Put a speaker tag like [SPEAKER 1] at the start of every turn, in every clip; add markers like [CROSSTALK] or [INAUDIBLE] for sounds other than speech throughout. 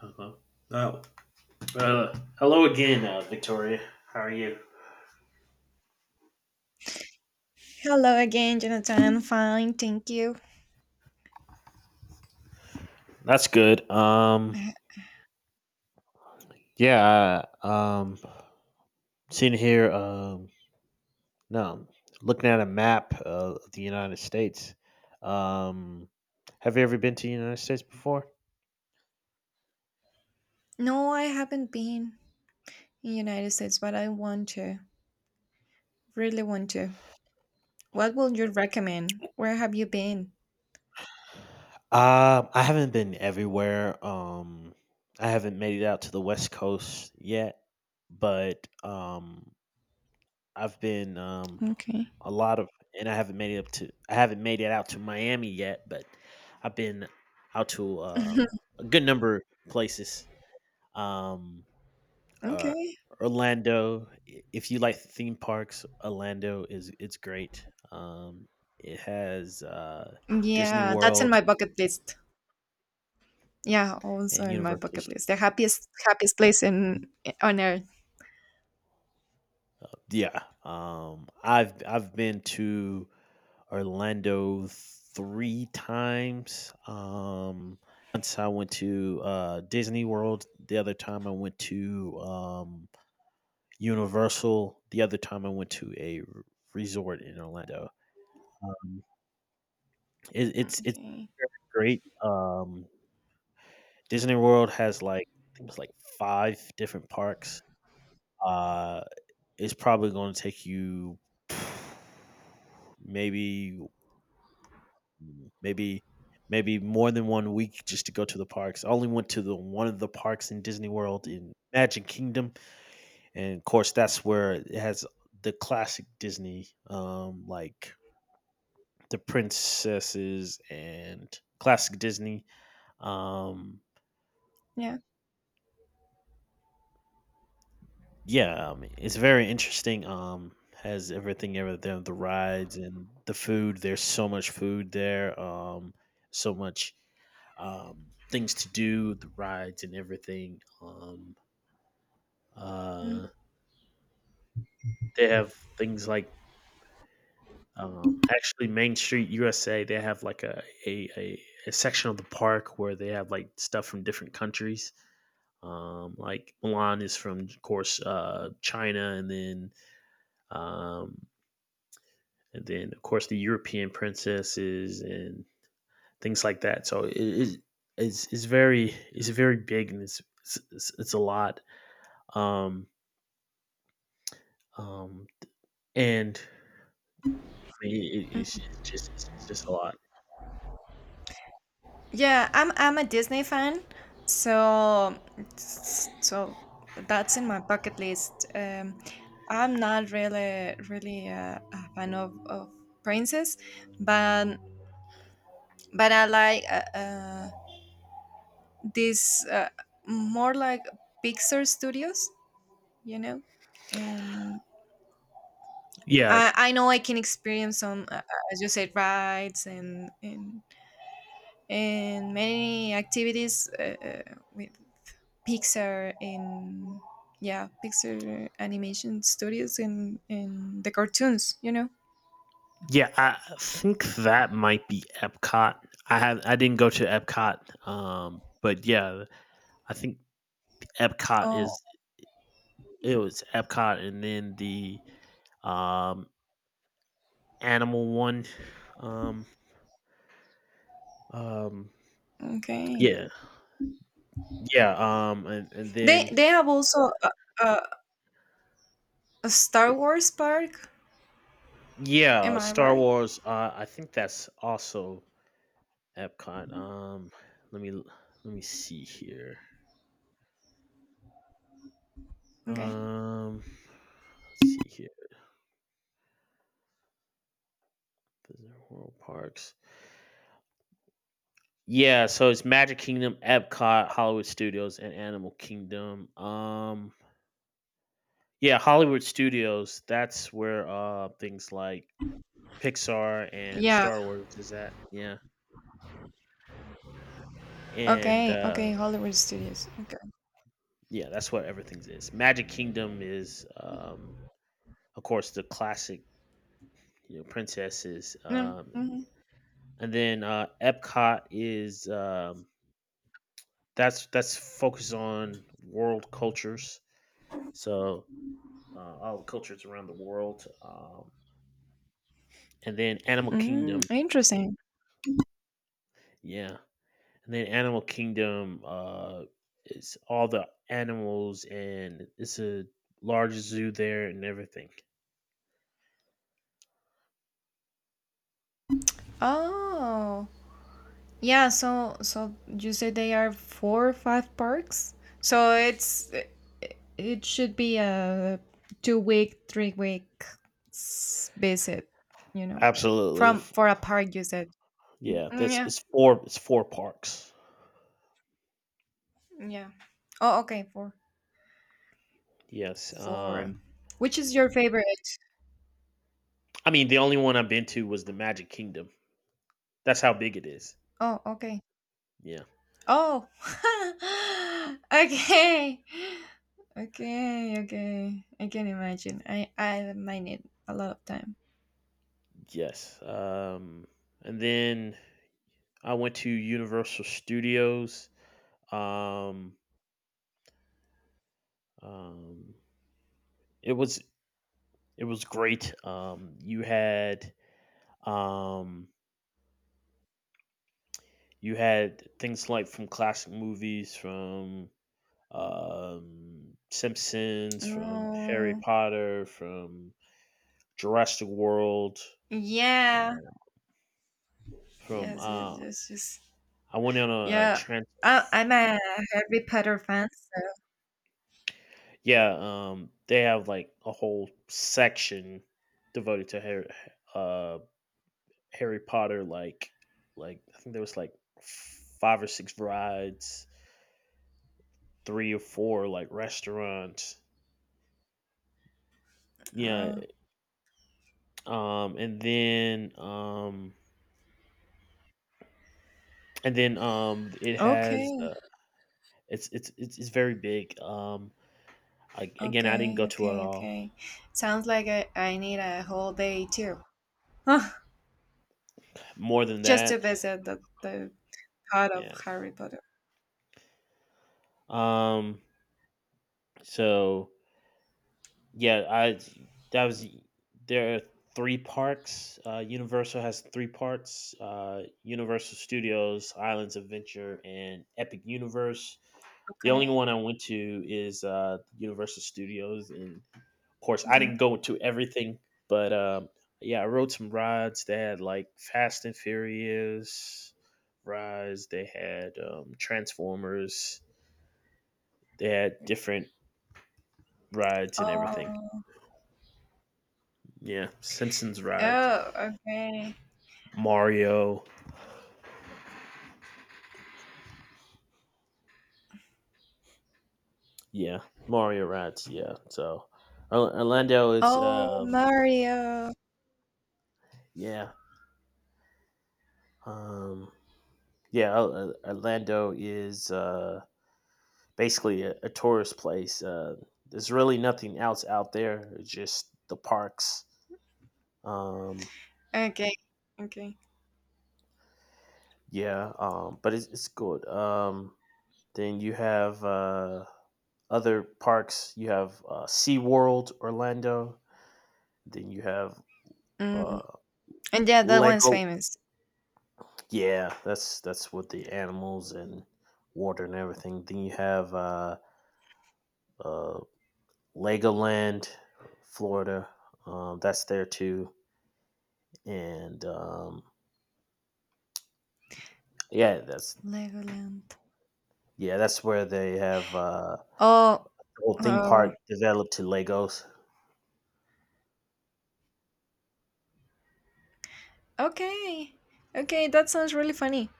[SPEAKER 1] Hello. huh Oh, hello again, Victoria. How are you?
[SPEAKER 2] Hello again, Jonathan. Fine, thank you.
[SPEAKER 1] That's good. Yeah. I, Um, Sitting here. No, Looking at a map of the United States. Um, have you ever been to the United States before?
[SPEAKER 2] No, I haven't been in United States, but I want to. Really want to. What would you recommend? Where have you been?
[SPEAKER 1] I haven't been everywhere. I haven't made it out to the West Coast yet, but I've been
[SPEAKER 2] Okay.
[SPEAKER 1] a lot of, and I haven't made it up to, I haven't made it out to Miami yet, but I've been out to a good number of places. Um, uh,
[SPEAKER 2] Okay.
[SPEAKER 1] Orlando, if you like theme parks, Orlando is it's great. Um, it has Disney
[SPEAKER 2] Yeah, that's in
[SPEAKER 1] World
[SPEAKER 2] my bucket list. Yeah, also
[SPEAKER 1] and
[SPEAKER 2] in my
[SPEAKER 1] Universal.
[SPEAKER 2] bucket
[SPEAKER 1] Stu-
[SPEAKER 2] list. The happiest place in on earth.
[SPEAKER 1] Yeah, I've been to Orlando three times. Once I went to Disney World. The other time I went to Universal. The other time I went to a resort in Orlando. Um, it's
[SPEAKER 2] Okay.
[SPEAKER 1] very great. Disney World has like, I think it's like, five different parks. Uh, it's probably going to take you [SIGHS] maybe, Mm. Maybe maybe more than 1 week just to go to the parks. I only went to the one of the parks in Disney World in Magic Kingdom, and of course that's where it has the classic Disney, like the princesses and classic Disney. Um,
[SPEAKER 2] Yeah.
[SPEAKER 1] yeah, I mean, it's very interesting. Has everything ever there, the rides and the food. There's so much food there. So much things to do, the rides and everything.
[SPEAKER 2] Mm-hmm.
[SPEAKER 1] Uh, they have things like, actually Main Street USA. They have like a section of the park where they have like stuff from different countries. Like Milan is from, of course, China, um, and then of course the European princesses and things like that. So it's very big, and it's a lot. Um, um, And I mean, it it's just a lot.
[SPEAKER 2] Yeah, I'm a Disney fan, so so that's in my bucket list. I'm not really a fan of princess, but but I like these more like Pixar studios, you know, and
[SPEAKER 1] Yeah,
[SPEAKER 2] I know I can experience some, as you said, rides and many activities with Pixar in yeah, Pixar animation studios in the cartoons.
[SPEAKER 1] yeah, I think that might be Epcot. I didn't go to Epcot, but yeah, I think Epcot
[SPEAKER 2] Oh,
[SPEAKER 1] is, it was Epcot, and then the, um, animal one, um, um,
[SPEAKER 2] okay.
[SPEAKER 1] yeah, yeah, and
[SPEAKER 2] They
[SPEAKER 1] then
[SPEAKER 2] they have also a, a Star Wars park. Am
[SPEAKER 1] yeah,
[SPEAKER 2] I
[SPEAKER 1] Star
[SPEAKER 2] right?
[SPEAKER 1] Wars, I think that's also Epcot. Let me Let me see here.
[SPEAKER 2] Okay.
[SPEAKER 1] Um Let's see here. Visit World Parks. Yeah, so it's Magic Kingdom, Epcot, Hollywood Studios, and Animal Kingdom. Yeah, Hollywood Studios, that's where things like Pixar and
[SPEAKER 2] Yeah.
[SPEAKER 1] Star Wars is at. Yeah. And
[SPEAKER 2] Okay. Okay. Hollywood Studios. Okay.
[SPEAKER 1] yeah, that's what everything's is. Magic Kingdom is, of course, the classic, you know, princesses.
[SPEAKER 2] Mm-hmm.
[SPEAKER 1] And then Epcot is, that's focused on world cultures. So all the cultures around the world. And then Animal
[SPEAKER 2] Mm,
[SPEAKER 1] Kingdom,
[SPEAKER 2] interesting.
[SPEAKER 1] yeah, and then Animal Kingdom is all the animals, and it's a large zoo there and everything.
[SPEAKER 2] Oh, yeah, so you say they are four or five parks? So it should be a 2-week, 3-week visit, you know.
[SPEAKER 1] Absolutely,
[SPEAKER 2] From
[SPEAKER 1] f-
[SPEAKER 2] for a park you said.
[SPEAKER 1] yeah.
[SPEAKER 2] Mm,
[SPEAKER 1] That's
[SPEAKER 2] yeah,
[SPEAKER 1] it's four parks.
[SPEAKER 2] yeah. Oh, okay, four,
[SPEAKER 1] Yes.
[SPEAKER 2] four. Which is your favorite?
[SPEAKER 1] I mean, the only one I've been to was the Magic Kingdom. That's how big it is.
[SPEAKER 2] Oh, okay.
[SPEAKER 1] Yeah.
[SPEAKER 2] Oh. [LAUGHS] okay. Okay, okay. I can imagine. I might need a lot of time.
[SPEAKER 1] Yes. And then I went to Universal Studios. Um, um, It was it was great. You had um, you had things like from classic movies, from Simpsons, from Harry
[SPEAKER 2] No.
[SPEAKER 1] Potter, from Jurassic World,
[SPEAKER 2] Yeah.
[SPEAKER 1] um, from
[SPEAKER 2] Yes, yes, yes, yes.
[SPEAKER 1] I went on a,
[SPEAKER 2] Yeah.
[SPEAKER 1] trans.
[SPEAKER 2] I'm a Harry Potter fan, so.
[SPEAKER 1] Yeah, they have like a whole section devoted to Harry, uh, Harry Potter. Like, I think there was like five or six rides, 3 or 4 like restaurants. Yeah,
[SPEAKER 2] Oh,
[SPEAKER 1] um, and then, um it has,
[SPEAKER 2] okay,
[SPEAKER 1] uh it's it's it's it's very big, like, again, I didn't go
[SPEAKER 2] okay,
[SPEAKER 1] to it
[SPEAKER 2] okay,
[SPEAKER 1] all.
[SPEAKER 2] okay. Sounds like I need a whole day too. Huh,
[SPEAKER 1] More than
[SPEAKER 2] just to
[SPEAKER 1] that,
[SPEAKER 2] visit the part of
[SPEAKER 1] yeah.
[SPEAKER 2] Harry Potter.
[SPEAKER 1] Um, so Yeah, I that was There are three parks. Universal has three parts: Universal Studios, Islands of Adventure, and Epic Universe. The
[SPEAKER 2] Okay.
[SPEAKER 1] only one I went to is Universal Studios, and of course, I
[SPEAKER 2] Mm.
[SPEAKER 1] didn't go to everything, but yeah, I rode some rides. They had like Fast and Furious rides. They had Transformers. They had different rides and everything.
[SPEAKER 2] Oh,
[SPEAKER 1] Yeah, Simpsons rides.
[SPEAKER 2] oh, okay.
[SPEAKER 1] Mario. Yeah, Mario Rats. Yeah, so Orlando is
[SPEAKER 2] Oh,
[SPEAKER 1] um
[SPEAKER 2] Mario.
[SPEAKER 1] yeah um yeah Orlando is basically a tourist place. There's really nothing else out there. It's just the parks. Um
[SPEAKER 2] Okay, okay.
[SPEAKER 1] yeah but it's good. Then you have other parks. You have SeaWorld Orlando. Then you have
[SPEAKER 2] Mm.
[SPEAKER 1] uh
[SPEAKER 2] And yeah, that one's
[SPEAKER 1] Lego
[SPEAKER 2] famous.
[SPEAKER 1] yeah, that's with the animals and water and everything. Then you have uh, Legoland, Florida. That's there too, and yeah, that's
[SPEAKER 2] Legoland.
[SPEAKER 1] yeah, that's where they have
[SPEAKER 2] Oh,
[SPEAKER 1] the whole theme
[SPEAKER 2] oh.
[SPEAKER 1] park developed to Legos.
[SPEAKER 2] Okay. Okay, that sounds really funny.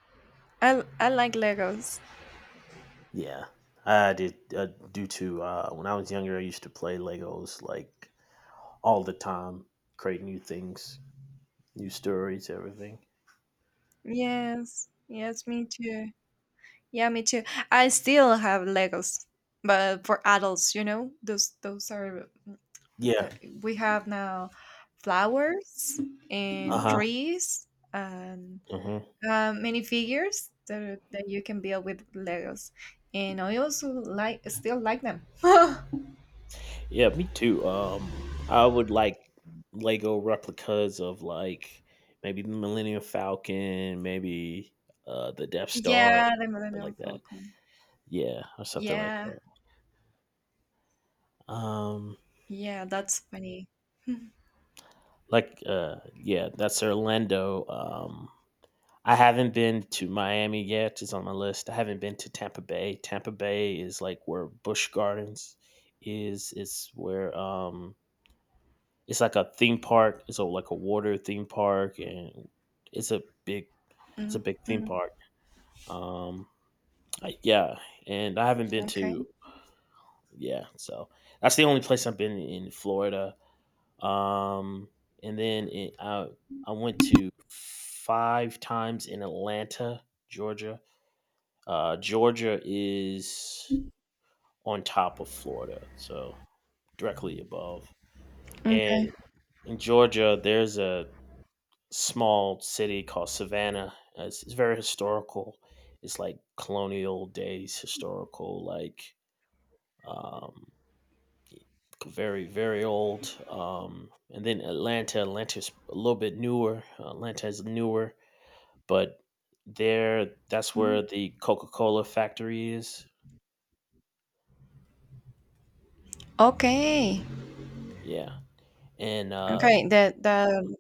[SPEAKER 2] I like Legos.
[SPEAKER 1] Yeah, I did do too. When I was younger, I used to play Legos like all the time, create new things, new stories, everything.
[SPEAKER 2] Yes. Yes, me too. Yeah, me too. I still have Legos, but for adults, those are
[SPEAKER 1] Yeah.
[SPEAKER 2] uh, we have now flowers
[SPEAKER 1] Uh
[SPEAKER 2] and
[SPEAKER 1] huh.
[SPEAKER 2] trees and
[SPEAKER 1] hmm
[SPEAKER 2] many figures that you can build with Legos. And I also still like them. [LAUGHS]
[SPEAKER 1] Yeah, me too. I would like Lego replicas of like, maybe the Millennium Falcon, maybe the Death Star,
[SPEAKER 2] yeah, the
[SPEAKER 1] something
[SPEAKER 2] Millennium
[SPEAKER 1] like that.
[SPEAKER 2] Falcon.
[SPEAKER 1] Yeah, or something like
[SPEAKER 2] Yeah.
[SPEAKER 1] that. Um,
[SPEAKER 2] Yeah, that's funny.
[SPEAKER 1] like yeah, that's Orlando. I haven't been to Miami yet. It's on my list. I haven't been to Tampa Bay. Tampa Bay is like where Busch Gardens is. It's where it's like a theme park. Like a water theme park, and it's a big it's a
[SPEAKER 2] Mm,
[SPEAKER 1] big theme
[SPEAKER 2] mm,
[SPEAKER 1] park. Um, yeah, and I haven't been
[SPEAKER 2] okay,
[SPEAKER 1] to, yeah, so that's the only place I've been in Florida. Um, and then in, I went to five times in Atlanta, Georgia. Georgia is on top of Florida, so directly above.
[SPEAKER 2] okay,
[SPEAKER 1] And in Georgia, there's a small city called Savannah. It's very historical. It's like colonial days, historical, like um, very, very old. And then Atlanta. Atlanta's a little bit newer. Atlanta is newer, but there, that's
[SPEAKER 2] mm.
[SPEAKER 1] where the Coca Cola factory is.
[SPEAKER 2] Okay,
[SPEAKER 1] Yeah, and
[SPEAKER 2] okay. The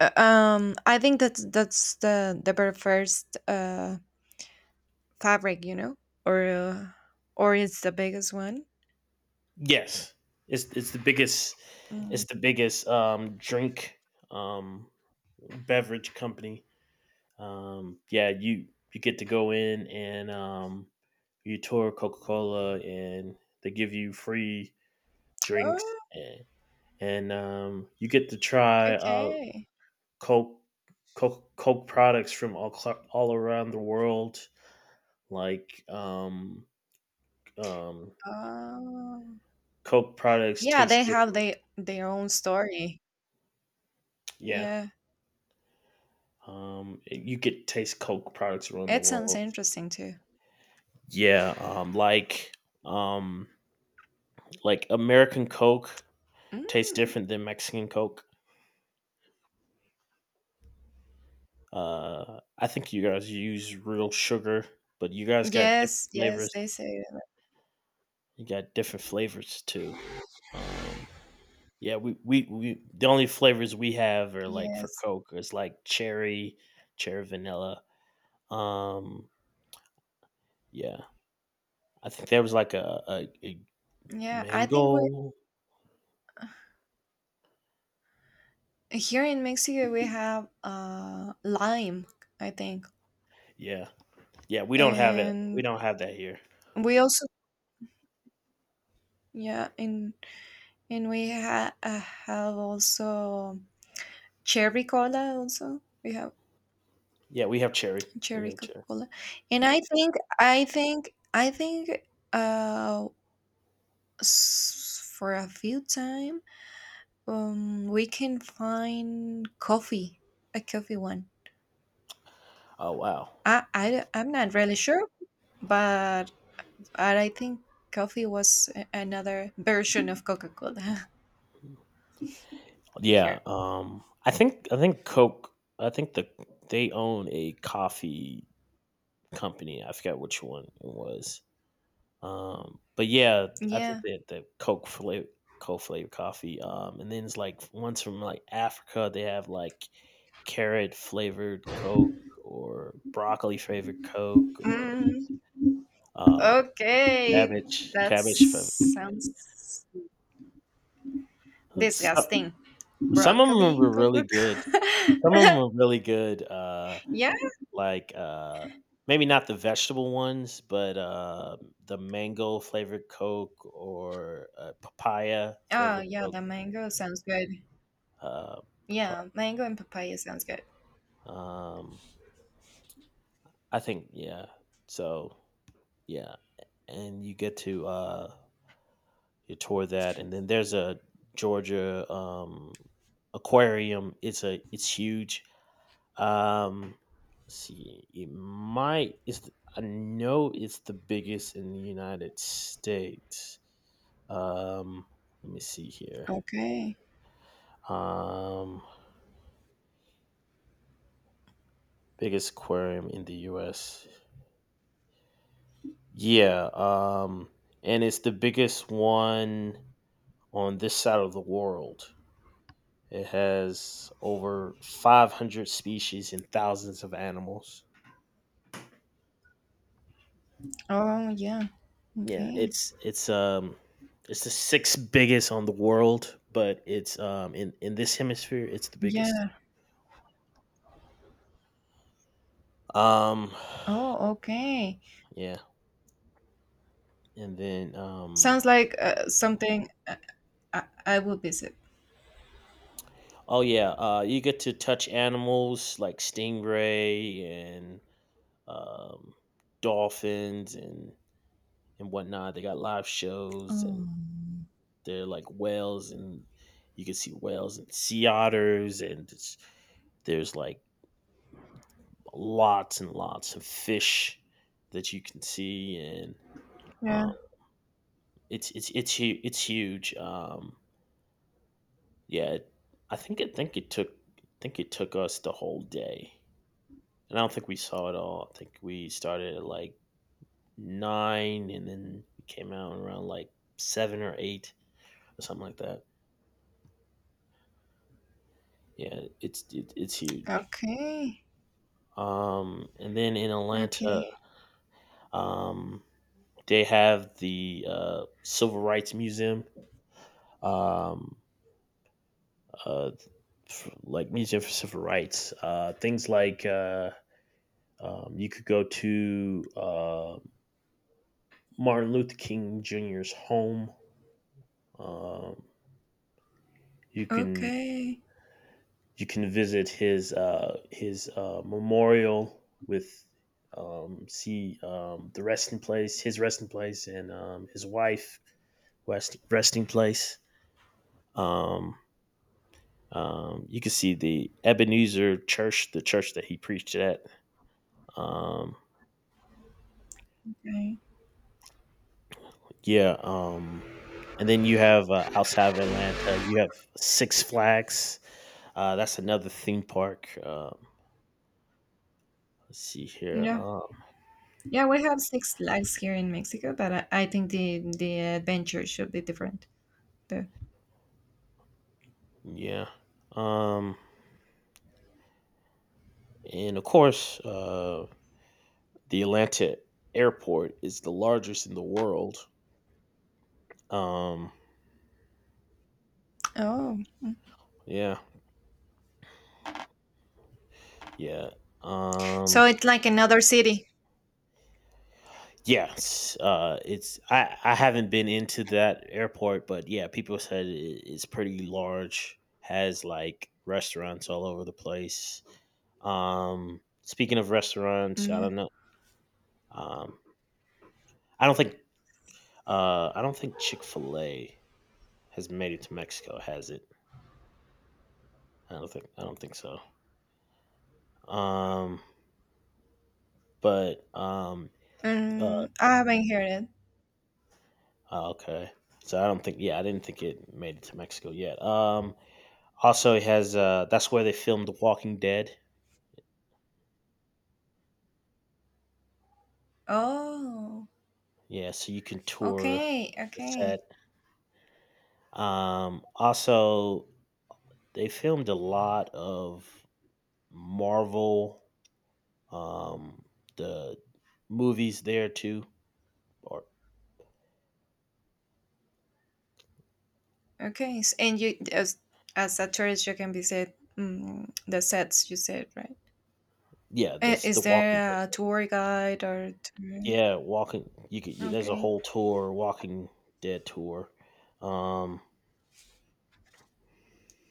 [SPEAKER 2] I think that's the very first fabric, or uh, or it's the biggest one.
[SPEAKER 1] yes, it's the biggest. It's
[SPEAKER 2] Mm.
[SPEAKER 1] the biggest drink, um, beverage company. Yeah, you get to go in, and you tour Coca Cola, and they give you free drinks,
[SPEAKER 2] Oh,
[SPEAKER 1] and, and you get to try
[SPEAKER 2] okay.
[SPEAKER 1] Coke, Coke Coke products from all all around the world. Like um, um,
[SPEAKER 2] Oh,
[SPEAKER 1] Coke products
[SPEAKER 2] yeah.
[SPEAKER 1] taste
[SPEAKER 2] They have
[SPEAKER 1] different.
[SPEAKER 2] they their own story.
[SPEAKER 1] Yeah.
[SPEAKER 2] Yeah,
[SPEAKER 1] You get taste Coke products around the
[SPEAKER 2] it sounds
[SPEAKER 1] world.
[SPEAKER 2] interesting too.
[SPEAKER 1] Yeah, um, like American Coke tastes
[SPEAKER 2] Mm.
[SPEAKER 1] different than Mexican Coke. I think you guys use real sugar, but you guys got different
[SPEAKER 2] Yes, yes.
[SPEAKER 1] flavors.
[SPEAKER 2] They say that.
[SPEAKER 1] You got different flavors too. Um, yeah, we the only flavors we have are like for
[SPEAKER 2] Yes.
[SPEAKER 1] Coke is like cherry, cherry vanilla. Um, yeah, I think there was like a
[SPEAKER 2] Yeah, I think we
[SPEAKER 1] mango.
[SPEAKER 2] Here in Mexico, we have lime, I think,
[SPEAKER 1] Yeah, yeah, we don't have it. We
[SPEAKER 2] and
[SPEAKER 1] don't have that here.
[SPEAKER 2] we also, yeah, and we have also cherry cola. Also, we have
[SPEAKER 1] Yeah, we have cherry. We
[SPEAKER 2] cherry
[SPEAKER 1] have
[SPEAKER 2] Coca
[SPEAKER 1] cherry.
[SPEAKER 2] Cola, and I think uh for a few time we can find coffee, a coffee one.
[SPEAKER 1] Oh wow.
[SPEAKER 2] I'm not really sure, but but I think coffee was another version of Coca Cola [LAUGHS]
[SPEAKER 1] Yeah,
[SPEAKER 2] here.
[SPEAKER 1] I think Coke. I think the They own a coffee company. I forgot which one it was. But yeah, I think
[SPEAKER 2] Yeah.
[SPEAKER 1] that the Coke flavor coffee. And then it's like ones from like Africa. They have like carrot flavored Coke or broccoli flavored Coke or
[SPEAKER 2] Mm,
[SPEAKER 1] uh,
[SPEAKER 2] okay, that
[SPEAKER 1] cabbage flavored.
[SPEAKER 2] sounds
[SPEAKER 1] So,
[SPEAKER 2] disgusting.
[SPEAKER 1] some of them
[SPEAKER 2] Broccoli
[SPEAKER 1] were really
[SPEAKER 2] Coca
[SPEAKER 1] good. Some of
[SPEAKER 2] Cola.
[SPEAKER 1] them were really good.
[SPEAKER 2] [LAUGHS] yeah.
[SPEAKER 1] Like maybe not the vegetable ones, but the mango flavored coke, or papaya
[SPEAKER 2] Oh,
[SPEAKER 1] flavored
[SPEAKER 2] yeah,
[SPEAKER 1] coke,
[SPEAKER 2] the mango sounds good.
[SPEAKER 1] uh papa-
[SPEAKER 2] Yeah, mango and papaya sounds good.
[SPEAKER 1] um I think yeah, so yeah, and you get to you tour that, and then there's a georgia aquarium. It's huge. Um, let's see, it might is I know it's the biggest in the United States. Um, let me see here.
[SPEAKER 2] Okay.
[SPEAKER 1] Um, Biggest aquarium in the U.S. Yeah. And it's the biggest one on this side of the world. It has over 500 species and thousands of animals.
[SPEAKER 2] Oh, yeah.
[SPEAKER 1] Yeah,
[SPEAKER 2] Okay.
[SPEAKER 1] it's it's um it's the sixth biggest on the world, but it's in this hemisphere it's the biggest.
[SPEAKER 2] Yeah.
[SPEAKER 1] Um
[SPEAKER 2] Oh, okay.
[SPEAKER 1] [SIGHS] yeah, and then
[SPEAKER 2] Sounds like something I will visit.
[SPEAKER 1] oh yeah, you get to touch animals like stingray and um dolphins and whatnot. They got live shows, and
[SPEAKER 2] Oh.
[SPEAKER 1] they're like whales, and you can see whales and sea otters, and there's like lots and lots of fish that you can see. And
[SPEAKER 2] Yeah.
[SPEAKER 1] um, it's huge. Yeah, it, I think it took I think it took us the whole day, and I don't think we saw it all. I think we started at like nine, and then we came out around like seven or eight or something like that. Yeah, it's huge.
[SPEAKER 2] Okay.
[SPEAKER 1] And then in Atlanta,
[SPEAKER 2] Okay.
[SPEAKER 1] um, they have the Civil Rights Museum. Um, uh, like Museum for Civil Rights. Things like you could go to Martin Luther King Jr.'s home. Um, you can,
[SPEAKER 2] Okay.
[SPEAKER 1] you can visit his memorial with see the resting place, his resting place, and his wife resting place. Um, you can see the Ebenezer Church, the church that he preached at. Um,
[SPEAKER 2] Okay.
[SPEAKER 1] Yeah. And then you have outside of Atlanta, you have Six Flags. That's another theme park. Let's see here.
[SPEAKER 2] Yeah. Yeah, we have six lakes here in Mexico, but I think the adventure should be different. The,
[SPEAKER 1] Yeah. Um, and of course, the Atlanta airport is the largest in the world. Um,
[SPEAKER 2] oh.
[SPEAKER 1] yeah. Yeah. Um,
[SPEAKER 2] So it's like another city.
[SPEAKER 1] Yes, it's I haven't been into that airport, but yeah, people said it's pretty large, has like restaurants all over the place. Speaking of restaurants, I
[SPEAKER 2] Yeah.
[SPEAKER 1] don't know. Um, I don't think I don't think Chick Fil A has made it to Mexico, has it? I don't think so. Um, but uh,
[SPEAKER 2] I haven't heard it.
[SPEAKER 1] oh, okay. So I don't think, yeah, I didn't think it made it to Mexico yet. Also, it has that's where they filmed The Walking Dead.
[SPEAKER 2] Oh.
[SPEAKER 1] Yeah, so you can tour
[SPEAKER 2] Okay.
[SPEAKER 1] the set.
[SPEAKER 2] Okay.
[SPEAKER 1] Also, they filmed a lot of Marvel, um, the movies there too. Or
[SPEAKER 2] Okay. And you as a tourist you can visit the sets you said, right?
[SPEAKER 1] yeah,
[SPEAKER 2] I-
[SPEAKER 1] this The
[SPEAKER 2] Is
[SPEAKER 1] Walking Dead.
[SPEAKER 2] there a tour guide or tour?
[SPEAKER 1] Yeah, Walking. You could. You, there's a
[SPEAKER 2] Okay.
[SPEAKER 1] whole tour, Walking Dead tour. Um,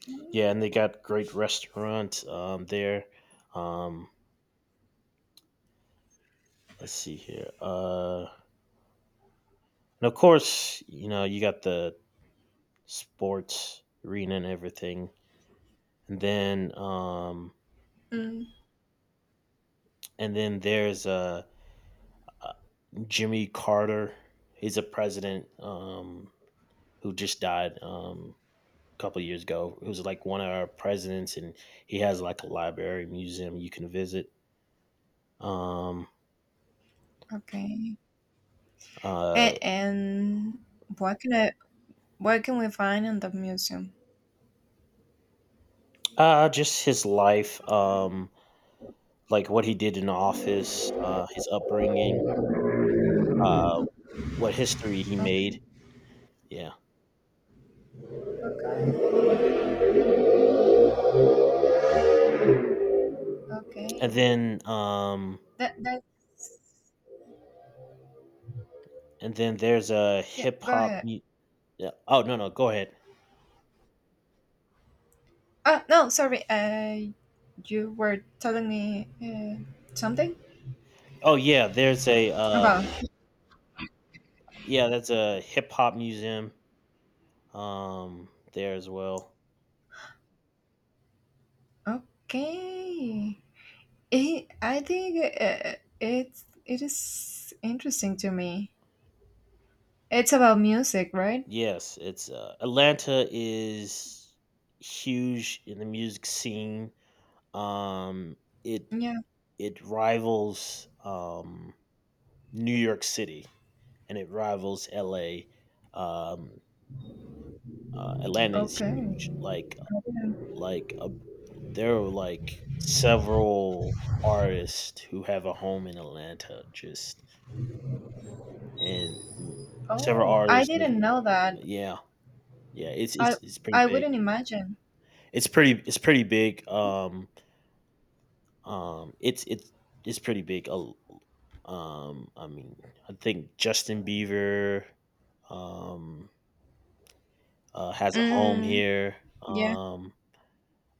[SPEAKER 2] Mm,
[SPEAKER 1] yeah, and they got great restaurants there. Um, let's see here. And of course, you know, you got the sports arena and everything. And then um
[SPEAKER 2] mm,
[SPEAKER 1] and then there's uh, Jimmy Carter. He's a president who just died a couple years ago. He was like one of our presidents and he has like a library museum you can visit. Um
[SPEAKER 2] okay.
[SPEAKER 1] uh,
[SPEAKER 2] And what can I what can we find in the museum?
[SPEAKER 1] uh, just his life like what he did in office, his upbringing, uh what history he
[SPEAKER 2] Okay,
[SPEAKER 1] made. Yeah.
[SPEAKER 2] okay,
[SPEAKER 1] And
[SPEAKER 2] okay.
[SPEAKER 1] then, um,
[SPEAKER 2] That's
[SPEAKER 1] and then there's a
[SPEAKER 2] yeah.
[SPEAKER 1] hip
[SPEAKER 2] Go
[SPEAKER 1] hop
[SPEAKER 2] ahead.
[SPEAKER 1] yeah. Oh no, no, go ahead.
[SPEAKER 2] Oh no, sorry. You were telling me something
[SPEAKER 1] Oh yeah, there's a
[SPEAKER 2] about.
[SPEAKER 1] yeah, that's a hip hop museum um there as well.
[SPEAKER 2] Okay. I think it is interesting to me. It's about music, right?
[SPEAKER 1] Yes, it's Atlanta is huge in the music scene. Um, it
[SPEAKER 2] Yeah.
[SPEAKER 1] rivals New York City and it rivals L.A. Um, Atlanta is
[SPEAKER 2] Okay.
[SPEAKER 1] huge.
[SPEAKER 2] I didn't-
[SPEAKER 1] Like a. There are like several artists who have a home in Atlanta just and several
[SPEAKER 2] Oh, I
[SPEAKER 1] artists live
[SPEAKER 2] didn't know that.
[SPEAKER 1] yeah. Yeah, it's
[SPEAKER 2] I
[SPEAKER 1] it's it's pretty
[SPEAKER 2] I
[SPEAKER 1] big.
[SPEAKER 2] wouldn't imagine.
[SPEAKER 1] It's pretty big. Um it's it's it's pretty big. I mean, I think Justin Bieber um has a home
[SPEAKER 2] Mm,
[SPEAKER 1] here.
[SPEAKER 2] yeah.
[SPEAKER 1] Um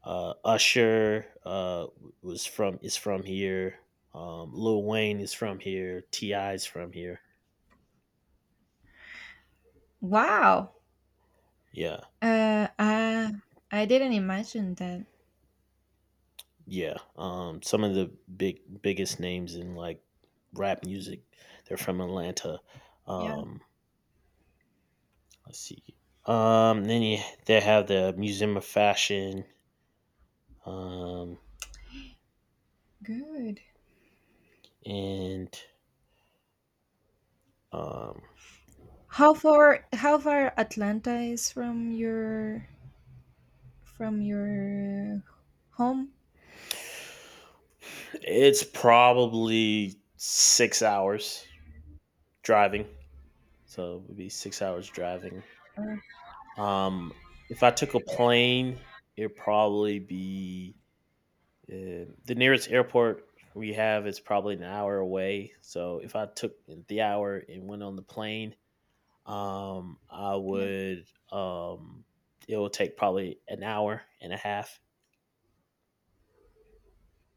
[SPEAKER 1] Usher was from is from here. Lil Wayne is from here. Ti is from here.
[SPEAKER 2] Wow.
[SPEAKER 1] Yeah,
[SPEAKER 2] Uh, I I didn't imagine that.
[SPEAKER 1] yeah. Some of the biggest names in like rap music, they're from Atlanta.
[SPEAKER 2] Yeah.
[SPEAKER 1] Um, let's see. Then you, they have the Museum of Fashion. Um,
[SPEAKER 2] Good.
[SPEAKER 1] and um,
[SPEAKER 2] How far Atlanta is from your home?
[SPEAKER 1] it's probably 6 hours driving. So it would be 6 hours driving.
[SPEAKER 2] Or-
[SPEAKER 1] Um, if I took a plane, it'd probably be the nearest airport we have is probably an hour away. So if I took the hour and went on the plane, I
[SPEAKER 2] Yeah.
[SPEAKER 1] would it would take probably an hour and a half.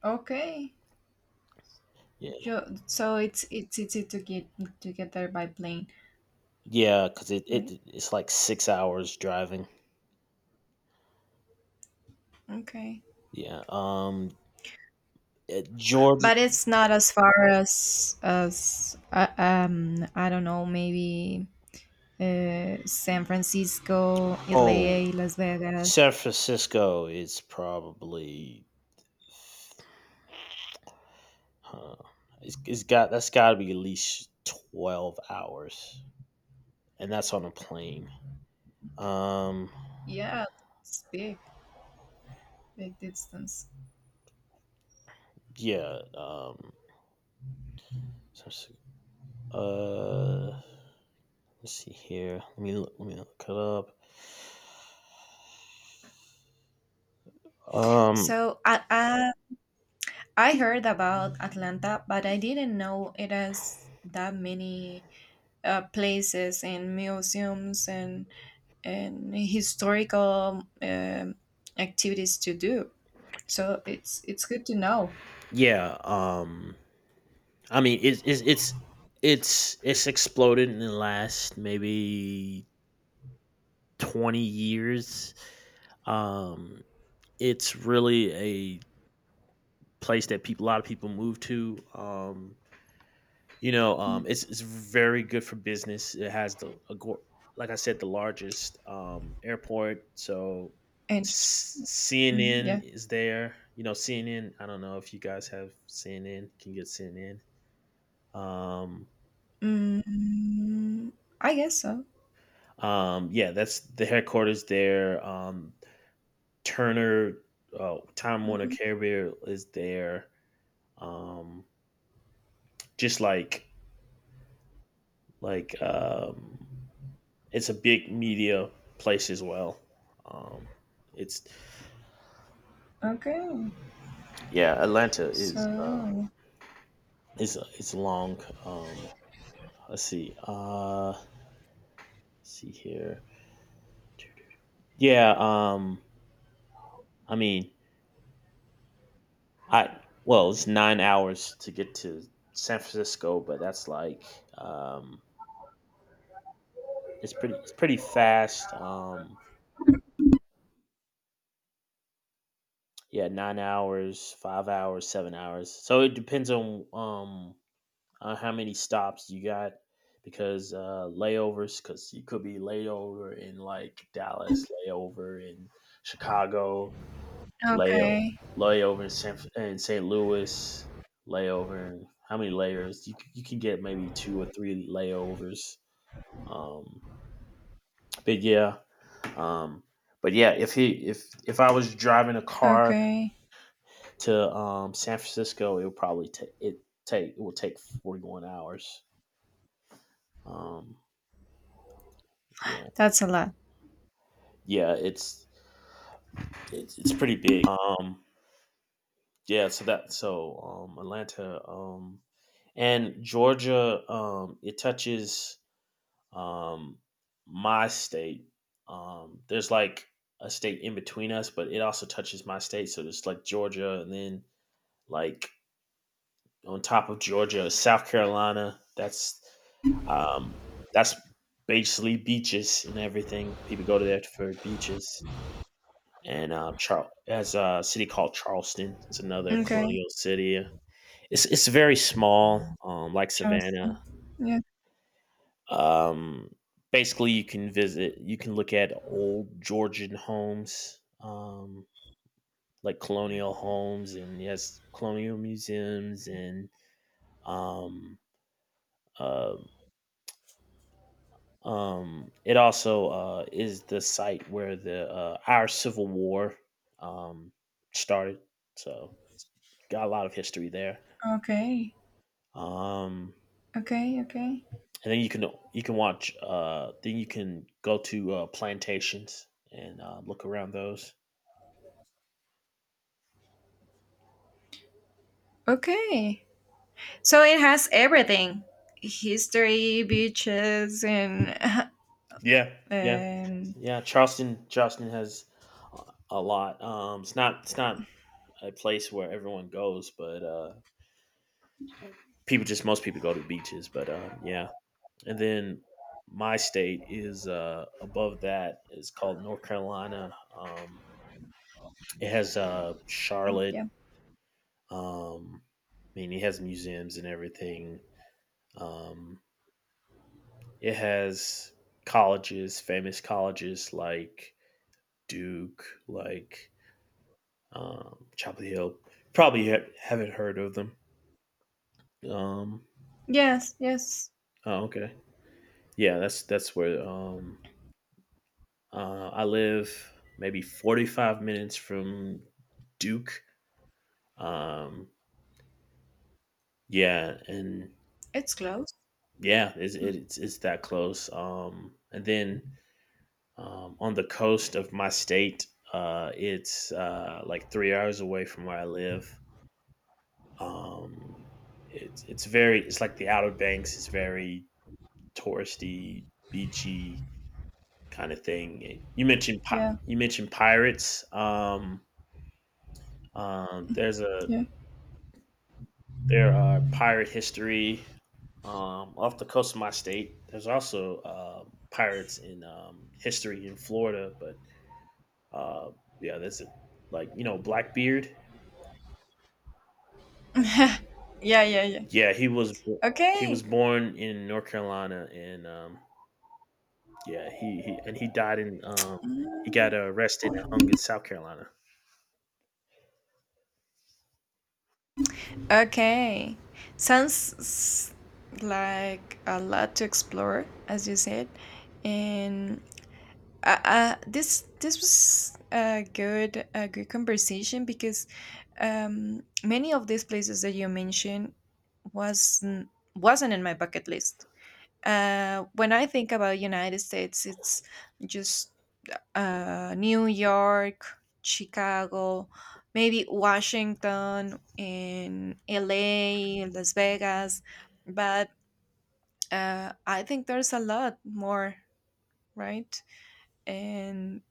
[SPEAKER 2] Okay.
[SPEAKER 1] Yeah,
[SPEAKER 2] So it's easy to get there by plane,
[SPEAKER 1] yeah, because it, it
[SPEAKER 2] right?
[SPEAKER 1] it's like 6 hours driving.
[SPEAKER 2] Okay.
[SPEAKER 1] Yeah. Georgia.
[SPEAKER 2] But it's not as far as I don't know maybe San Francisco,
[SPEAKER 1] Oh,
[SPEAKER 2] LA, Las Vegas.
[SPEAKER 1] San Francisco is probably. Huh. It's got that's got to be at least 12 hours, and that's on a plane. Um,
[SPEAKER 2] Yeah, it's big, big distance.
[SPEAKER 1] yeah. Um, so it's- uh, let's see here. Let me look it up. Um,
[SPEAKER 2] So I heard about Atlanta, but I didn't know it has that many places and museums and historical activities to do. So it's good to know.
[SPEAKER 1] yeah. I mean, it's exploded in the last maybe 20 years. Um, it's really a place that people a lot of people move to. You know,
[SPEAKER 2] Mm.
[SPEAKER 1] it's very good for business. It has the a go- Like I said, the largest airport.
[SPEAKER 2] And mm,
[SPEAKER 1] CNN
[SPEAKER 2] yeah,
[SPEAKER 1] is there. You know, CNN. I don't know if you guys have CNN. Can get CNN. Um,
[SPEAKER 2] mm, I guess so.
[SPEAKER 1] yeah, that's the headquarters there. Turner, Time Warner
[SPEAKER 2] Okay.
[SPEAKER 1] Carrier is there. Um, just like It's a big media place as well. Um, it's
[SPEAKER 2] Okay.
[SPEAKER 1] yeah, Atlanta
[SPEAKER 2] So
[SPEAKER 1] is it's long. Let's see here. Yeah, I mean, it's 9 hours to get to San Francisco, but that's like it's pretty fast. Yeah, 9 hours, 5 hours, 7 hours. So it depends on how many stops you got because layovers, because you could be layover in like Dallas, layover in Chicago, layover
[SPEAKER 2] okay.
[SPEAKER 1] layover in San in St. Louis, How many layers you can get maybe two or three layovers. Um, but yeah, um, if he if I was driving a car
[SPEAKER 2] Okay.
[SPEAKER 1] to San Francisco, it would probably take it would take 41 hours. Um, yeah.
[SPEAKER 2] That's a lot.
[SPEAKER 1] Yeah, it's pretty big. Yeah, so that so Atlanta and Georgia it touches um my state. There's like a state in between us, but it also touches my state. So there's like Georgia, and then like on top of Georgia, South Carolina. Um that's basically beaches and everything. People go to there for beaches. And has a city called Charleston. It's another
[SPEAKER 2] Okay.
[SPEAKER 1] colonial city. It's very small, like Savannah.
[SPEAKER 2] Charleston. Yeah.
[SPEAKER 1] Um, basically, you can visit. You can look at old Georgian homes, like colonial homes, and yes, colonial museums, and um, uh, it also is the site where the our Civil War um, started. So got a lot of history there.
[SPEAKER 2] Okay.
[SPEAKER 1] Um,
[SPEAKER 2] Okay. Okay.
[SPEAKER 1] and then you can watch. Then you can go to plantations and look around those.
[SPEAKER 2] Okay. So it has everything: history, beaches, and
[SPEAKER 1] Yeah,
[SPEAKER 2] [LAUGHS]
[SPEAKER 1] yeah,
[SPEAKER 2] um,
[SPEAKER 1] yeah. Charleston has a lot. It's not a place where everyone goes, but people just, most people go to beaches. But yeah, and then my state is above that, is called North Carolina. It has Charlotte.
[SPEAKER 2] yeah.
[SPEAKER 1] Um, I mean, it has museums and everything. Um, it has colleges, famous colleges like Duke, like Chapel Hill. Probably haven't heard of them. Um,
[SPEAKER 2] Yes. Yes.
[SPEAKER 1] oh, okay. Yeah, that's where I live. Maybe 45 minutes from Duke. Um, yeah, and
[SPEAKER 2] It's close.
[SPEAKER 1] yeah, it's that close. And then on the coast of my state. It's Like 3 hours away from where I live. Um, it's like the Outer Banks. It's very touristy, beachy kind of thing.
[SPEAKER 2] Yeah.
[SPEAKER 1] You mentioned pirates. Um, there's a
[SPEAKER 2] Yeah.
[SPEAKER 1] there are pirate history off the coast of my state. There's also pirates in history in Florida, but uh, yeah, there's a like, you know, Blackbeard.
[SPEAKER 2] [LAUGHS] yeah. Yeah. Yeah.
[SPEAKER 1] Yeah, he was bo- he was
[SPEAKER 2] Okay.
[SPEAKER 1] born in North Carolina, and yeah, he died in he got
[SPEAKER 2] Mm.
[SPEAKER 1] arrested and hung in South Carolina.
[SPEAKER 2] Okay. Sounds like a lot to explore, as you said, and this was a good conversation because many of these places that you mentioned wasn't wasn't in my bucket list. When I think about United States, it's just New York, Chicago, maybe Washington, and L.A., Las Vegas, but I think there's a lot more, right? And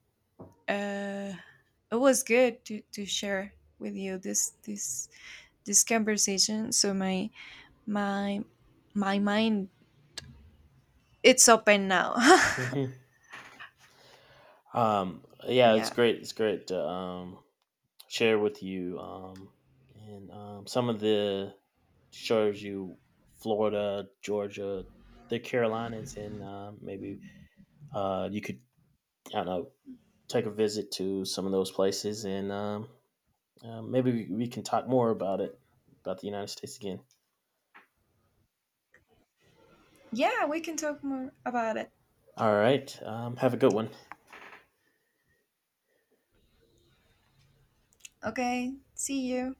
[SPEAKER 2] uh, it was good to share with you this conversation. So my my mind it's open now. [LAUGHS]
[SPEAKER 1] Hmm. Yeah, it's
[SPEAKER 2] yeah,
[SPEAKER 1] great. It's great to share with you and some of the shows you Florida, Georgia, the Carolinas, and maybe you could, I don't know, take a visit to some of those places and maybe we can talk more about it, about the United States again.
[SPEAKER 2] yeah, we can talk more about it.
[SPEAKER 1] All right. Have a good one.
[SPEAKER 2] Okay, see you.